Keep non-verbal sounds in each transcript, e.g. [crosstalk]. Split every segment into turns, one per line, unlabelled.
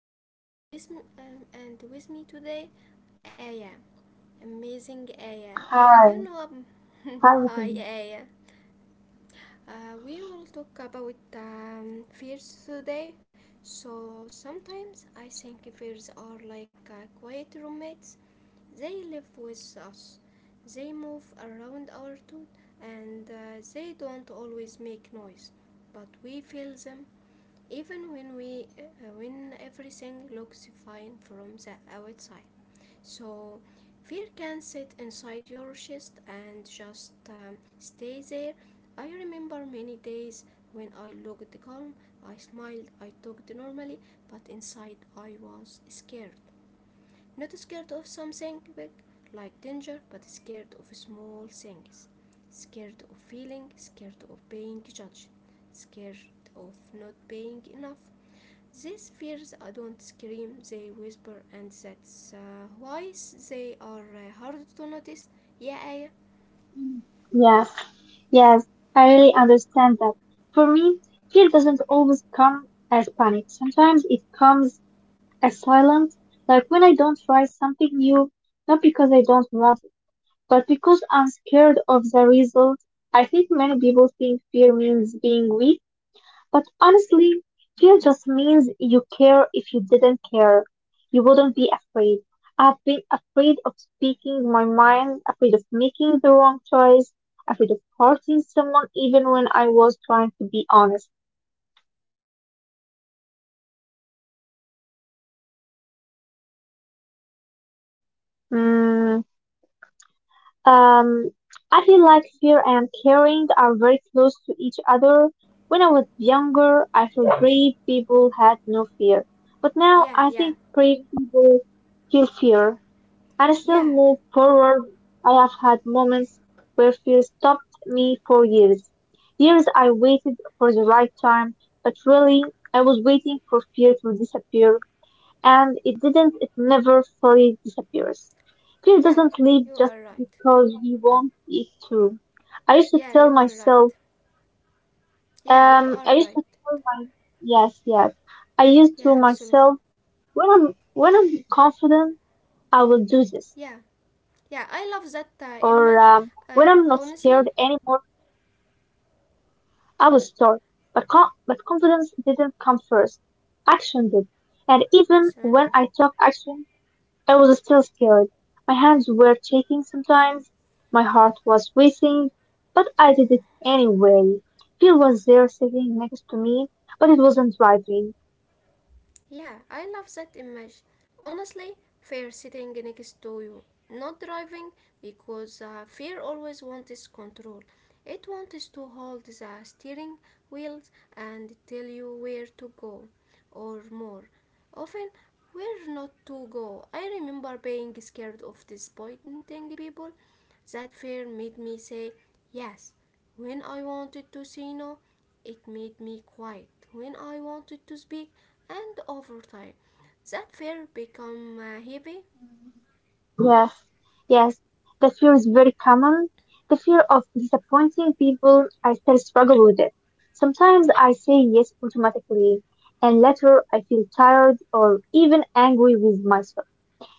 Sam, and with m- and with me today, Aya, amazing Aya.
Hi,
You know, um, [laughs]
Ruthie.
hi Aya. We will talk about fears today. So sometimes I think fears are like quiet roommates. They live with us. They move around our tooth, and they don't always make noise, but we feel them even when we when everything looks fine from the outside. So fear can sit inside your chest and just stay there. I remember many days when I looked calm. I smiled, I talked normally, but inside I was scared. Not scared of something big like danger, but scared of small things. Scared of feeling, scared of being judged, scared of not being enough. These fears don't scream, they whisper, and that's why they are hard to notice. Yeah, Aya.
Yes, yes, I really understand that. For me, fear doesn't always come as panic. Sometimes it comes as silence, like when I don't try something new, not because I don't want it, but because I'm scared of the result. I think many people think fear means being weak. But honestly, fear just means you care. If you didn't care, you wouldn't be afraid. I've been afraid of speaking my mind, afraid of making the wrong choice, afraid of hurting someone even when I was trying to be honest. Mm, um, I feel like fear and caring are very close to each other. When I was younger, I felt brave people had no fear. But now
yeah,
I think
yeah,
brave people feel fear. I still
yeah,
move forward. I have had moments where fear stopped me for years. Years I waited for the right time, but really I was waiting for fear to disappear, and it didn't, it never fully disappears. Fear
yeah,
doesn't leave
you
just
are right.
because we want it to. I used to
Yeah,
tell
you are right.
myself,
Yeah, you
I
are
used to
right.
tell my, yes, yes, I used to
Yeah, absolutely.
myself, when I'm confident, I will do this.
Yeah,
Or
yeah, I
when
love
I'm
that
not scared
image.
anymore,
Uh, Honestly,
I will start. But confidence didn't come first. Action did. And even when
Sana.
I took action, I was still scared. My hands were shaking sometimes. My heart was racing. But I did it anyway. Phil was there sitting next to me, but it wasn't driving.
Yeah, I love that image. Honestly, fear sitting next to you, not driving, because fear always wants control. It wants to hold the steering wheels and tell you where to go, or more. Often, where not to go. I remember being scared of disappointing people. That fear made me say yes when I wanted to say no. It made me quiet when I wanted to speak, and over time that fear become heavy.
Yes, yes. That fear is very common. The fear of disappointing people, I still struggle with it. Sometimes I say yes automatically, and later I feel tired or even angry with myself.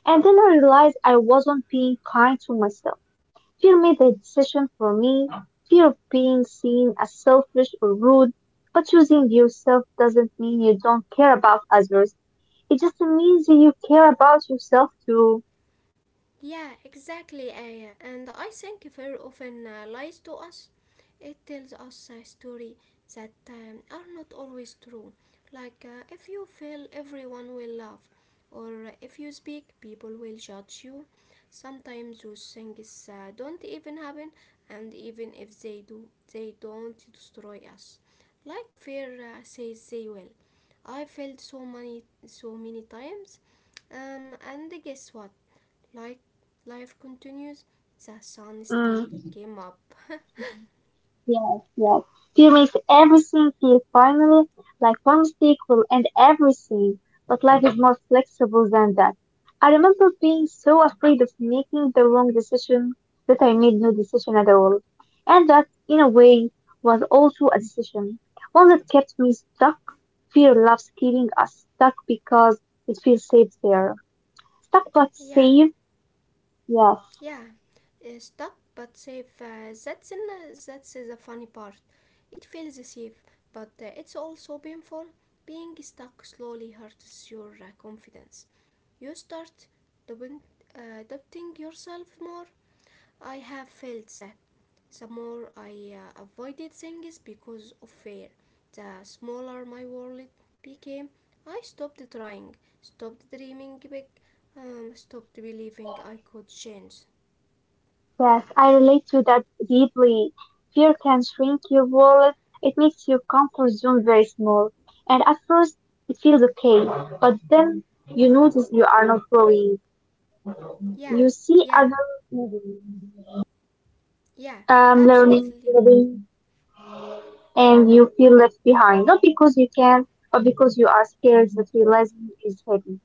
And then I realize I wasn't being kind to myself. Fear made the decision for me. Fear of being seen as selfish or rude. But choosing yourself doesn't mean you don't care about others. It just means that you care about yourself too.
Yeah, exactly, Aya. And I think fear often lies to us. It tells us a story that are not always true. Like if you fail, everyone will laugh, or if you speak, people will judge you. Sometimes those things don't even happen, and even if they do, they don't destroy us like fear says they will. I failed so many, so many times. And guess what? Like, life continues, the sun still
Mm.
came up.
Yes, yes. Fear makes everything feel finally like one mistake will end everything. But life is more flexible than that. I remember being so afraid of making the wrong decision that I made no decision at all. And that, in a way, was also a decision. One that kept me stuck. Fear loves keeping us stuck because it feels safe there. Stuck but
Yeah,
safe? Yes.
yeah. Stop, but safe. That's the funny part. It feels safe, but it's also painful. Being stuck slowly hurts your confidence. You start doing, doubting yourself more. I have felt that. The more I avoided things because of fear, the smaller my world became. I stopped trying, stopped dreaming big, stopped believing I could change.
Yes, I relate to that deeply. Fear can shrink your world. It makes your comfort zone very small. And at first, it feels okay. But then you notice you are not growing.
Yeah,
You see
yeah,
others moving,
yeah,
learning,
absolutely.
living, and you feel left behind. Not because you can, but because you are scared that realizing is heavy.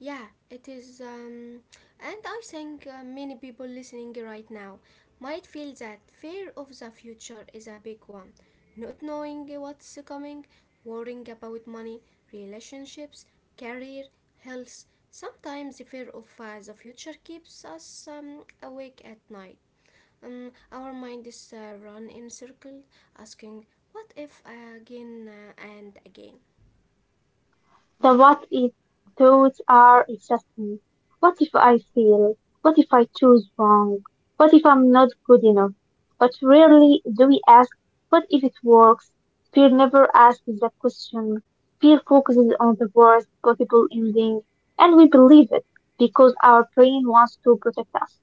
Yeah, it is. And I think many people listening right now might feel that fear of the future is a big one. Not knowing what's coming, worrying about money, relationships, career, health. Sometimes the fear of the future keeps us awake at night. Our mind is run in circle, asking, "What if?" Again and again.
The what if thoughts are exhausting. What if I fail? What if I choose wrong? What if I'm not good enough? But rarely do we ask, what if it works? Fear never asks that question. Fear focuses on the worst possible ending, and we believe it because our brain wants to protect us.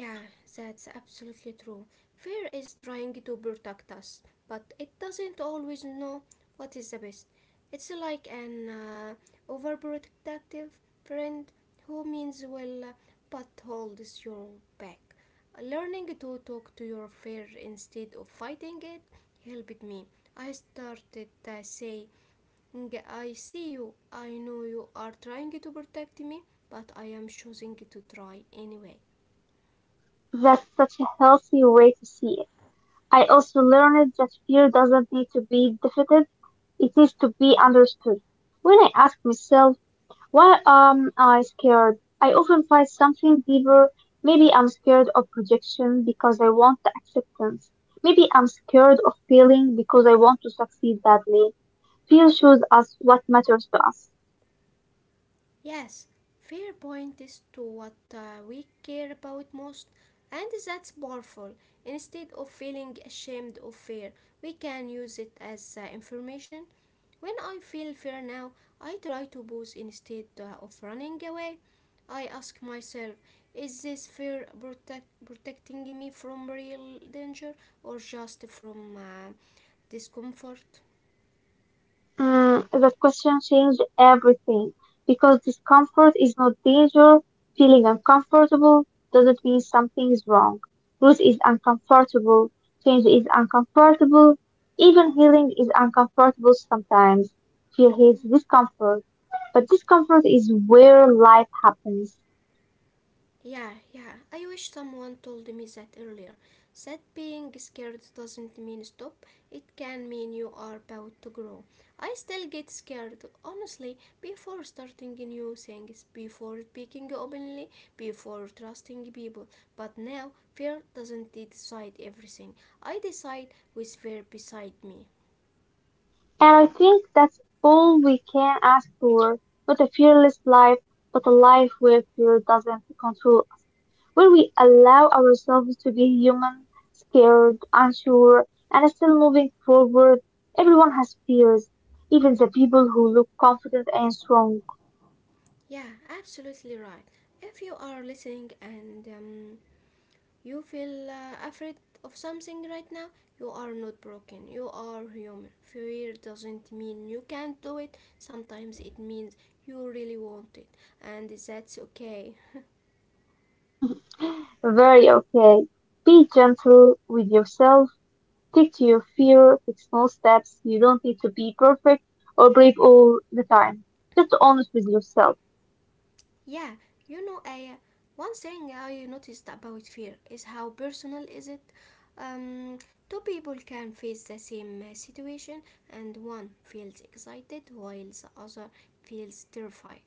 Yeah, that's absolutely true. Fear is trying to protect us, but it doesn't always know what is the best. It's like an overprotective friend who means well but holds your back. Learning to talk to your fear instead of fighting it helped me. I started saying, I see you, I know you are trying to protect me, but I am choosing to try anyway.
That's such a healthy way to see it. I also learned that fear doesn't need to be defeated, it needs to be understood. When I ask myself, why am I scared? I often find something deeper. Maybe I'm scared of projection because I want the acceptance. Maybe I'm scared of failing because I want to succeed badly. Fear shows us what matters to us.
Yes, fair point is to what we care about most, and that's powerful. Instead of feeling ashamed of fear, we can use it as information. When I feel fear now, I try to pause instead of running away. I ask myself, is this protecting me from real danger or just from discomfort?
Mm, that question changed everything because discomfort is not danger. Feeling uncomfortable doesn't mean something is wrong. Growth is uncomfortable. Change is uncomfortable. Even healing is uncomfortable sometimes. Fear
Hmm.
hates discomfort. But discomfort is where life happens.
Yeah, yeah. I wish someone told me that earlier. That being scared doesn't mean stop, it can mean you are about to grow. I still get scared, honestly, before starting new things, before speaking openly, before trusting people. But now, fear doesn't decide everything. I decide with fear beside me.
And I think that's all we can ask for. Not a fearless life, but a life where fear doesn't control, where we allow ourselves to be human, scared, unsure, and still moving forward. Everyone has fears, even the people who look confident and strong.
Yeah, absolutely right. If you are listening and you feel afraid of something right now? You are not broken. You are human. Fear doesn't mean you can't do it. Sometimes it means you really want it, and that's okay.
Very okay. Be gentle with yourself. Stick to your fear. Take small steps. You don't need to be perfect or brave all the time. Just honest with yourself.
Yeah, you know, I one thing I noticed about fear is how personal is it. Um, Two people can face the same situation, and one feels excited while the other feels terrified.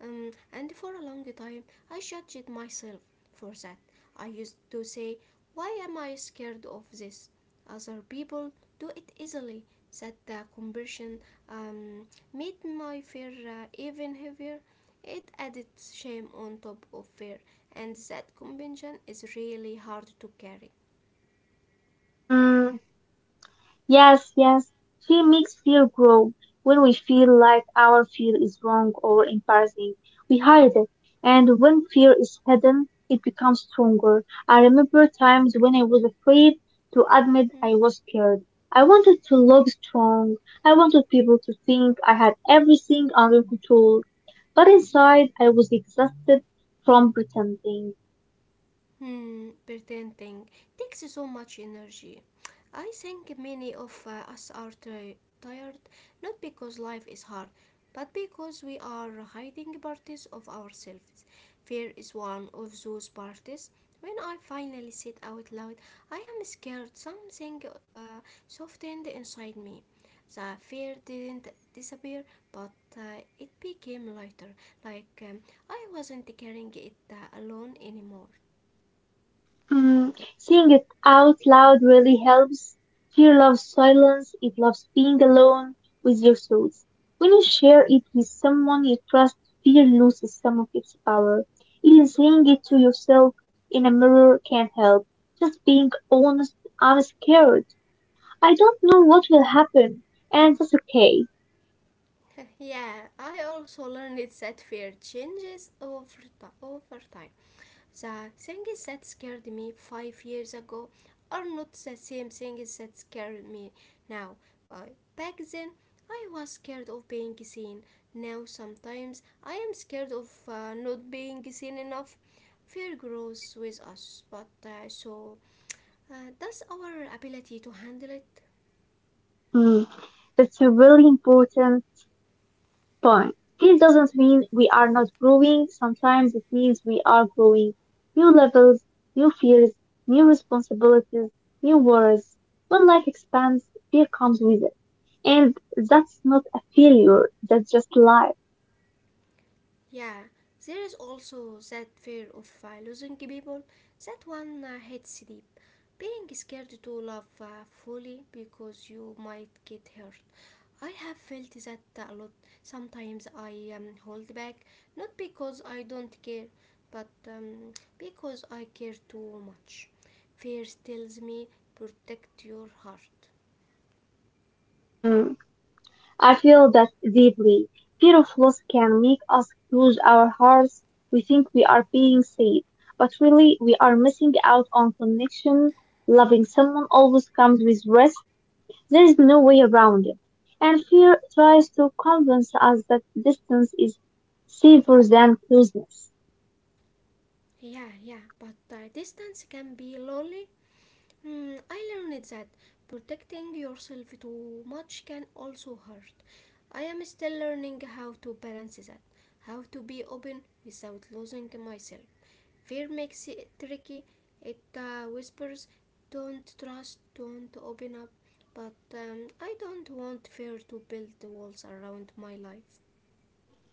And for a long time, I judged myself for that. I used to say, why am I scared of this? Other people do it easily. That conversion um, made my fear even heavier. It added shame on top of fear, and that convention is really hard to carry.
Mm, Yes, yes. Fear makes fear grow. When we feel like our fear is wrong or embarrassing, we hide it. And when fear is hidden, it becomes stronger. I remember times when I was afraid to admit
Hmm.
I was scared. I wanted to look strong. I wanted people to think I had everything under control. But inside, I was exhausted from pretending.
Hmm, pretending takes so much energy. I think many of us are tired not because life is hard, but because we are hiding parties of ourselves. Fear is one of those parties. When I finally said out loud, I am scared, something uh, softened inside me. The fear didn't disappear, but it became lighter, like I wasn't carrying it alone anymore.
Mm, saying it out loud really helps. Fear loves silence. It loves being alone with your thoughts. When you share it with someone you trust, fear loses some of its power. Even saying it to yourself in a mirror can help. Just being honest, I'm scared. I don't know what will happen, and that's okay.
[laughs] Yeah, I also learned that fear changes over time. The things that scared me 5 years ago are not the same things that scare me now. But back then, I was scared of being seen. Now, sometimes, I am scared of not being seen enough. Fear grows with us, but so does our ability to handle it.
Mm, that's a really important point. This doesn't mean we are not growing. Sometimes it means we are growing. New levels, new fears, new responsibilities, new worries. When life expands, fear comes with it. And that's not a failure, that's just life.
Yeah, there is also that fear of losing people. That one hits deep. Being scared to love fully because you might get hurt. I have felt that a lot. Sometimes I hold back, not because I don't care, but because I care too much. Fear tells me protect your heart.
Mm, I feel that deeply. Fear of loss can make us close our hearts. We think we are being safe, but really we are missing out on connection. Loving someone always comes with risk. There is no way around it, and fear tries to convince us that distance is safer than closeness.
Yeah, yeah, but distance can be lonely. Hmm, I learned that protecting yourself too much can also hurt. I am still learning how to balance that, how to be open without losing myself. Fear makes it tricky. It whispers, "Don't trust, don't open up." But I don't want fear to build walls around my life.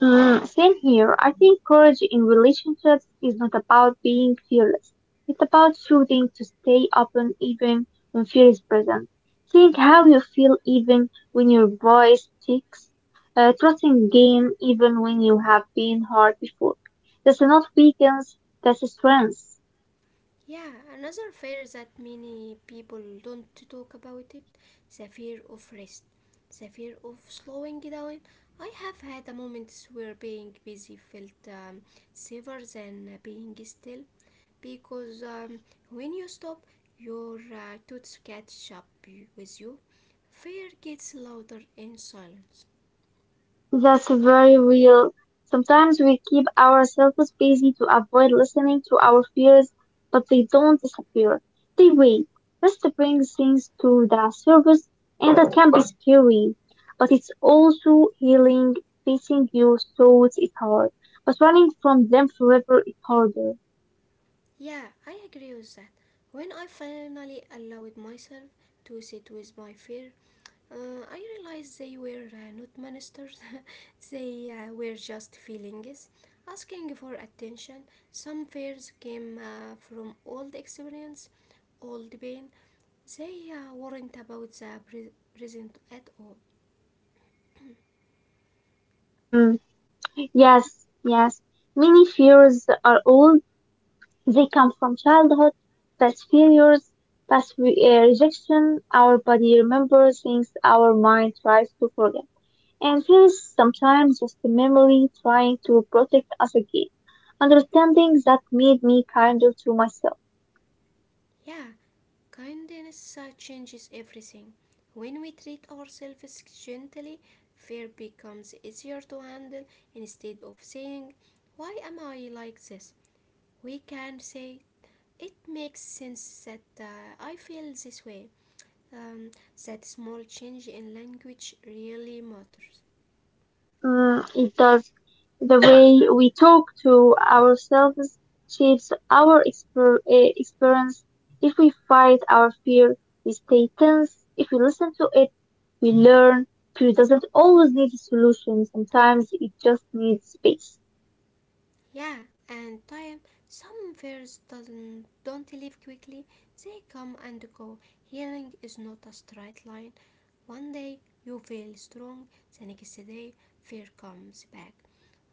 Mm, same here. I think courage in relationships is not about being fearless. It's about choosing to stay open even when fear is present. Think how you feel even when your voice shakes. Trusting again even when you have been hurt before. That's not weakness, that's strength.
Yeah, another fear that many people don't talk about it, the fear of rest, the fear of slowing down. I have had a moments where being busy felt safer than being still because when you stop, your thoughts catch with you. Fear gets louder in silence.
That's very real. Sometimes we keep ourselves busy to avoid listening to our fears, but they don't disappear. They wait. Rest brings things to the surface, and that can be scary. But it's also healing. Facing your thoughts is hard, but running from them forever is harder.
Yeah, I agree with that. When I finally allowed myself to sit with my fear, I realized they were not ministers, [laughs] they were just feelings, asking for attention. Some fears came from old experience, old pain. They weren't about the present at all.
Mm, yes, yes. Many fears are old. They come from childhood, past failures, rejection. Our body remembers things our mind tries to forget. And fear is sometimes just a memory trying to protect us again. Understanding that made me kinder to myself.
Yeah, kindness changes everything. When we treat ourselves gently, fear becomes easier to handle instead of saying, why am I like this? We can say, it makes sense that I feel this way. Um, that small change in language really matters.
Mm, it does. The way we talk to ourselves shapes our experience. If we fight our fear, we stay tense. If we listen to it, we learn. Fear doesn't always need a solution. Sometimes it just needs space.
Yeah, and time. Some fears doesn't don't leave quickly. They come and go. Healing is not a straight line. One day you feel strong, the next day fear comes back.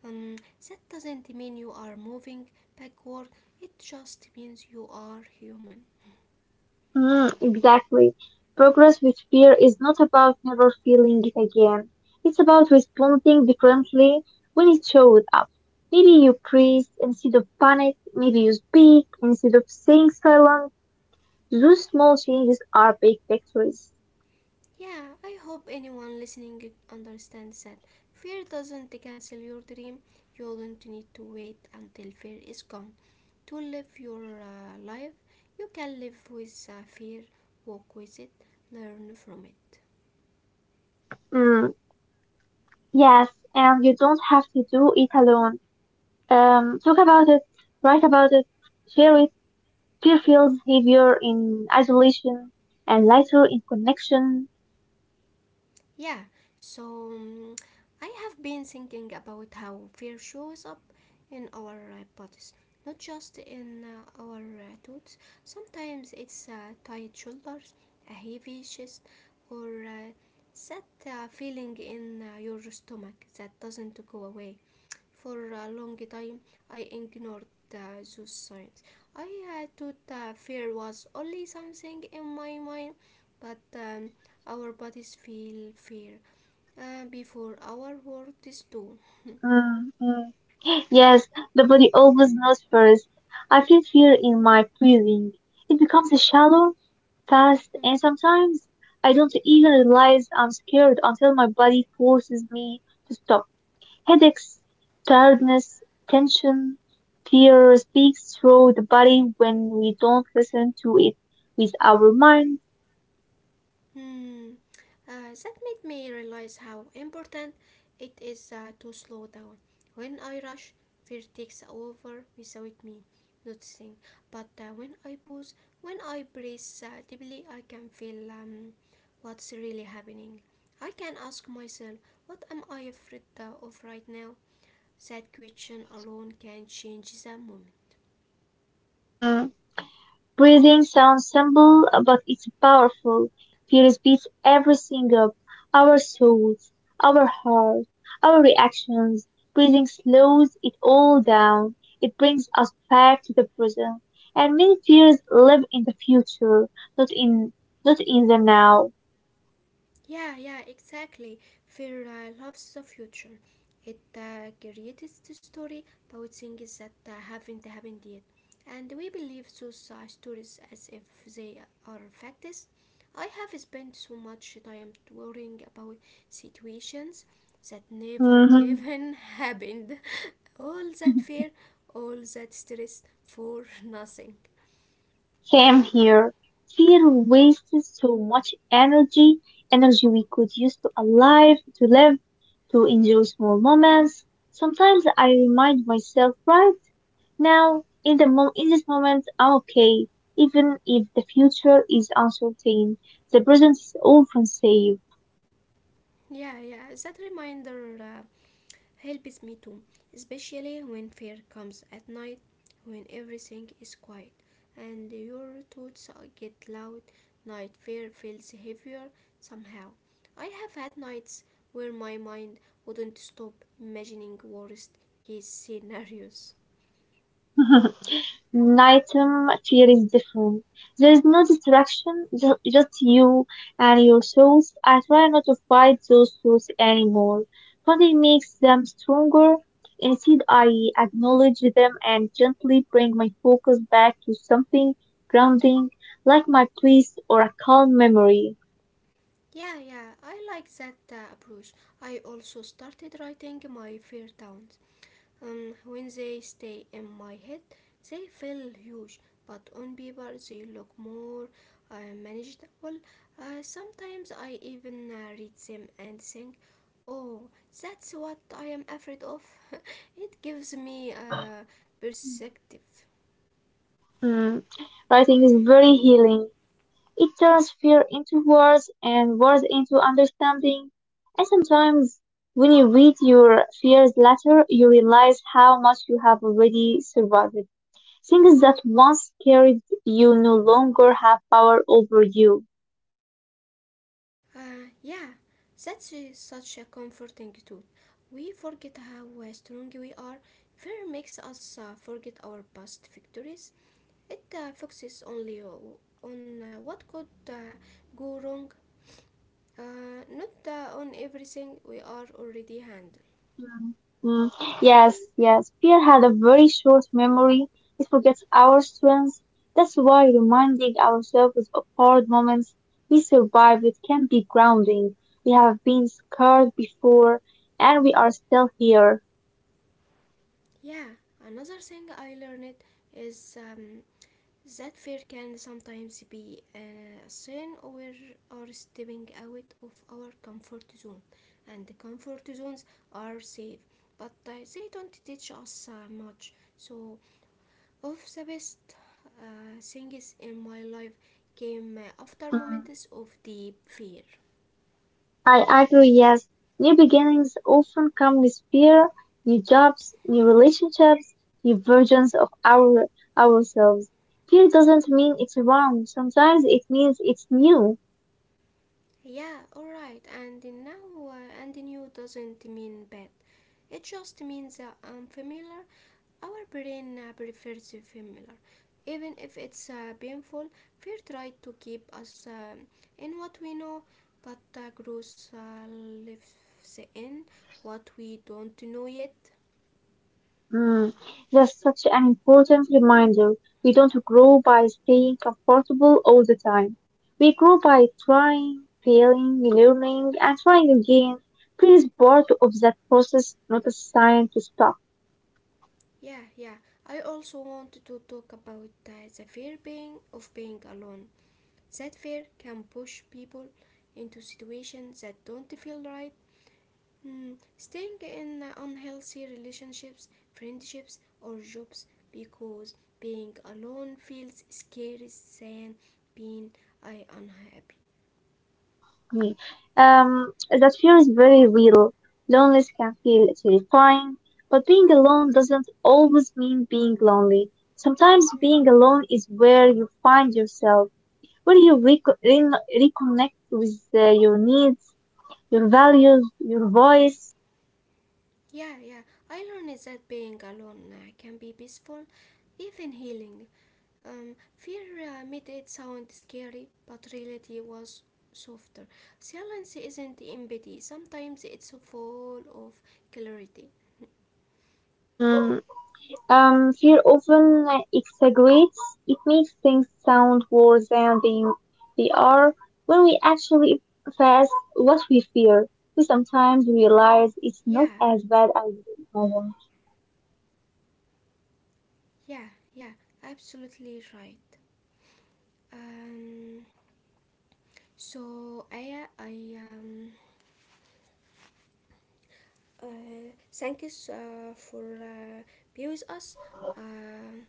Um, that doesn't mean you are moving backward. It just means you are human.
Mm, exactly. Progress with fear is not about never feeling it again. It's about responding differently when it shows up. Maybe you breathe instead of panic. Maybe you speak instead of staying silent. Those small changes are big victories.
Yeah, I hope anyone listening understands that fear doesn't cancel your dream. You don't need to wait until fear is gone to live your life. You can live with fear, walk with it, learn from it.
Mm, yes, and you don't have to do it alone. Talk about it, write about it, share it. Fear feels heavier in isolation and lighter in connection.
Yeah, so mm, I have been thinking about how fear shows up in our bodies, not just in our thoughts. Sometimes it's tight shoulders, a heavy chest, or that feeling in your stomach that doesn't go away. For a long time, I ignored those signs. I had thought that fear was only something in my mind, but our bodies feel fear before our words do.
Mm, mm. Yes, the body always knows first. I feel fear in my breathing. It becomes shallow, fast, and
Hmm.
sometimes I don't even realize I'm scared until my body forces me to stop. Headaches, tiredness, tension, fear speaks through the body when we don't listen to it with our mind.
Hmm, that made me realize how important it is to slow down. When I rush, fear takes over without me noticing. But when I pause, when I breathe deeply, I can feel what's really happening. I can ask myself, what am I afraid of right now? That question alone can change the moment.
Mm. Breathing sounds simple, but it's powerful. Fear beats every single, our souls, our heart, our reactions. Breathing slows it all down. It brings us back to the present. And many fears live in the future, not in, not in the now.
Yeah, yeah, exactly. Fear loves the future. It creates the story about things that haven't happened yet. And we believe those stories as if they are facts. I have spent so much time worrying about situations that never
Mhm.
even [laughs] happened. All that fear, all that stress for nothing.
Same here. Fear
Mm.
wastes so much energy, energy we could use to alive, to live, to enjoy small moments. Sometimes I remind myself right now, in this moment, I'm okay. Even if the future is uncertain, the present is often safe.
Yeah, yeah, that reminder helps me too, especially when fear comes at night, when everything is quiet and your thoughts get loud. Night fear feels heavier somehow. I have had nights where my mind wouldn't stop imagining worst case scenarios.
[laughs] Nighttime feels different. There is no distraction, just you and your thoughts. I try not to fight those thoughts anymore, but it makes them stronger. Instead, I acknowledge them and gently bring my focus back to something grounding, like my place or a calm memory.
Yeah, yeah, I like that approach. I also started writing my fear down. When they stay in my head, they feel huge, but on paper they look more manageable. Sometimes I even read them and think, oh, that's what I am afraid of. [laughs] It gives me perspective.
Mm, writing is very healing. It turns fear into words and words into understanding. And sometimes when you read your fears letter, you realize how much you have already survived. Things that once scared you no longer have power over you.
Yeah, that's such a comforting thought. We forget how strong we are. Fear makes us forget our past victories. It focuses only on what could go wrong, not on everything we are already handling.
Mm, mm, Yes, yes. Fear had a very short memory. It forgets our strengths. That's why reminding ourselves of hard moments we survived can be grounding. We have been scared before, and we are still here.
Yeah, another thing I learned is that fear can sometimes be a sign we are stepping out of our comfort zone, and the comfort zones are safe, but they don't teach us much. So of the best things in my life came after
Mm,
moments of deep fear.
I agree, yes. New beginnings often come with fear, new jobs, new relationships, new versions of ourselves. Fear doesn't mean it's wrong. Sometimes it means it's new.
Yeah, alright, and now and new doesn't mean bad. It just means unfamiliar. Our brain prefers familiar. Even if it's painful, fear tries to keep us in what we know, but growth lives in what we don't know yet.
Mm, that's such an important reminder. We don't grow by staying comfortable all the time. We grow by trying, failing, learning, and trying again. Pain is part of that process, not a sign to stop
Yeah, yeah. I also wanted to talk about the fear being of being alone. That fear can push people into situations that don't feel right. Hmm, staying in unhealthy relationships, friendships, or jobs because being alone feels scary than being I unhappy.
me. That fear is very real. Loneliness can
Hmm,
feel terrifying, but being alone doesn't always mean being lonely. Sometimes
hmm.
being alone is where you find yourself, where you reconnect with your needs, your values, your voice.
Yeah, yeah. I learned that being alone can be peaceful, even healing. Fear made it sound scary, but reality was softer. Silence isn't empty, sometimes it's full of clarity.
Mm, fear often exaggerates. It makes things sound worse than they are when we actually face what we fear. We sometimes realize it's not
Yeah,
as bad as we imagine.
yeah, yeah, absolutely right. Um, so, Aya, I thank you for being with us. Um,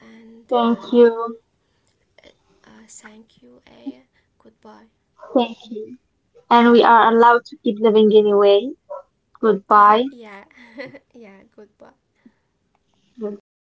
and
Thank you.
Thank you, Aya. Goodbye.
Thank you. And we are allowed to keep living anyway. Goodbye.
[laughs] Yeah, yeah, goodbye.
Goodbye.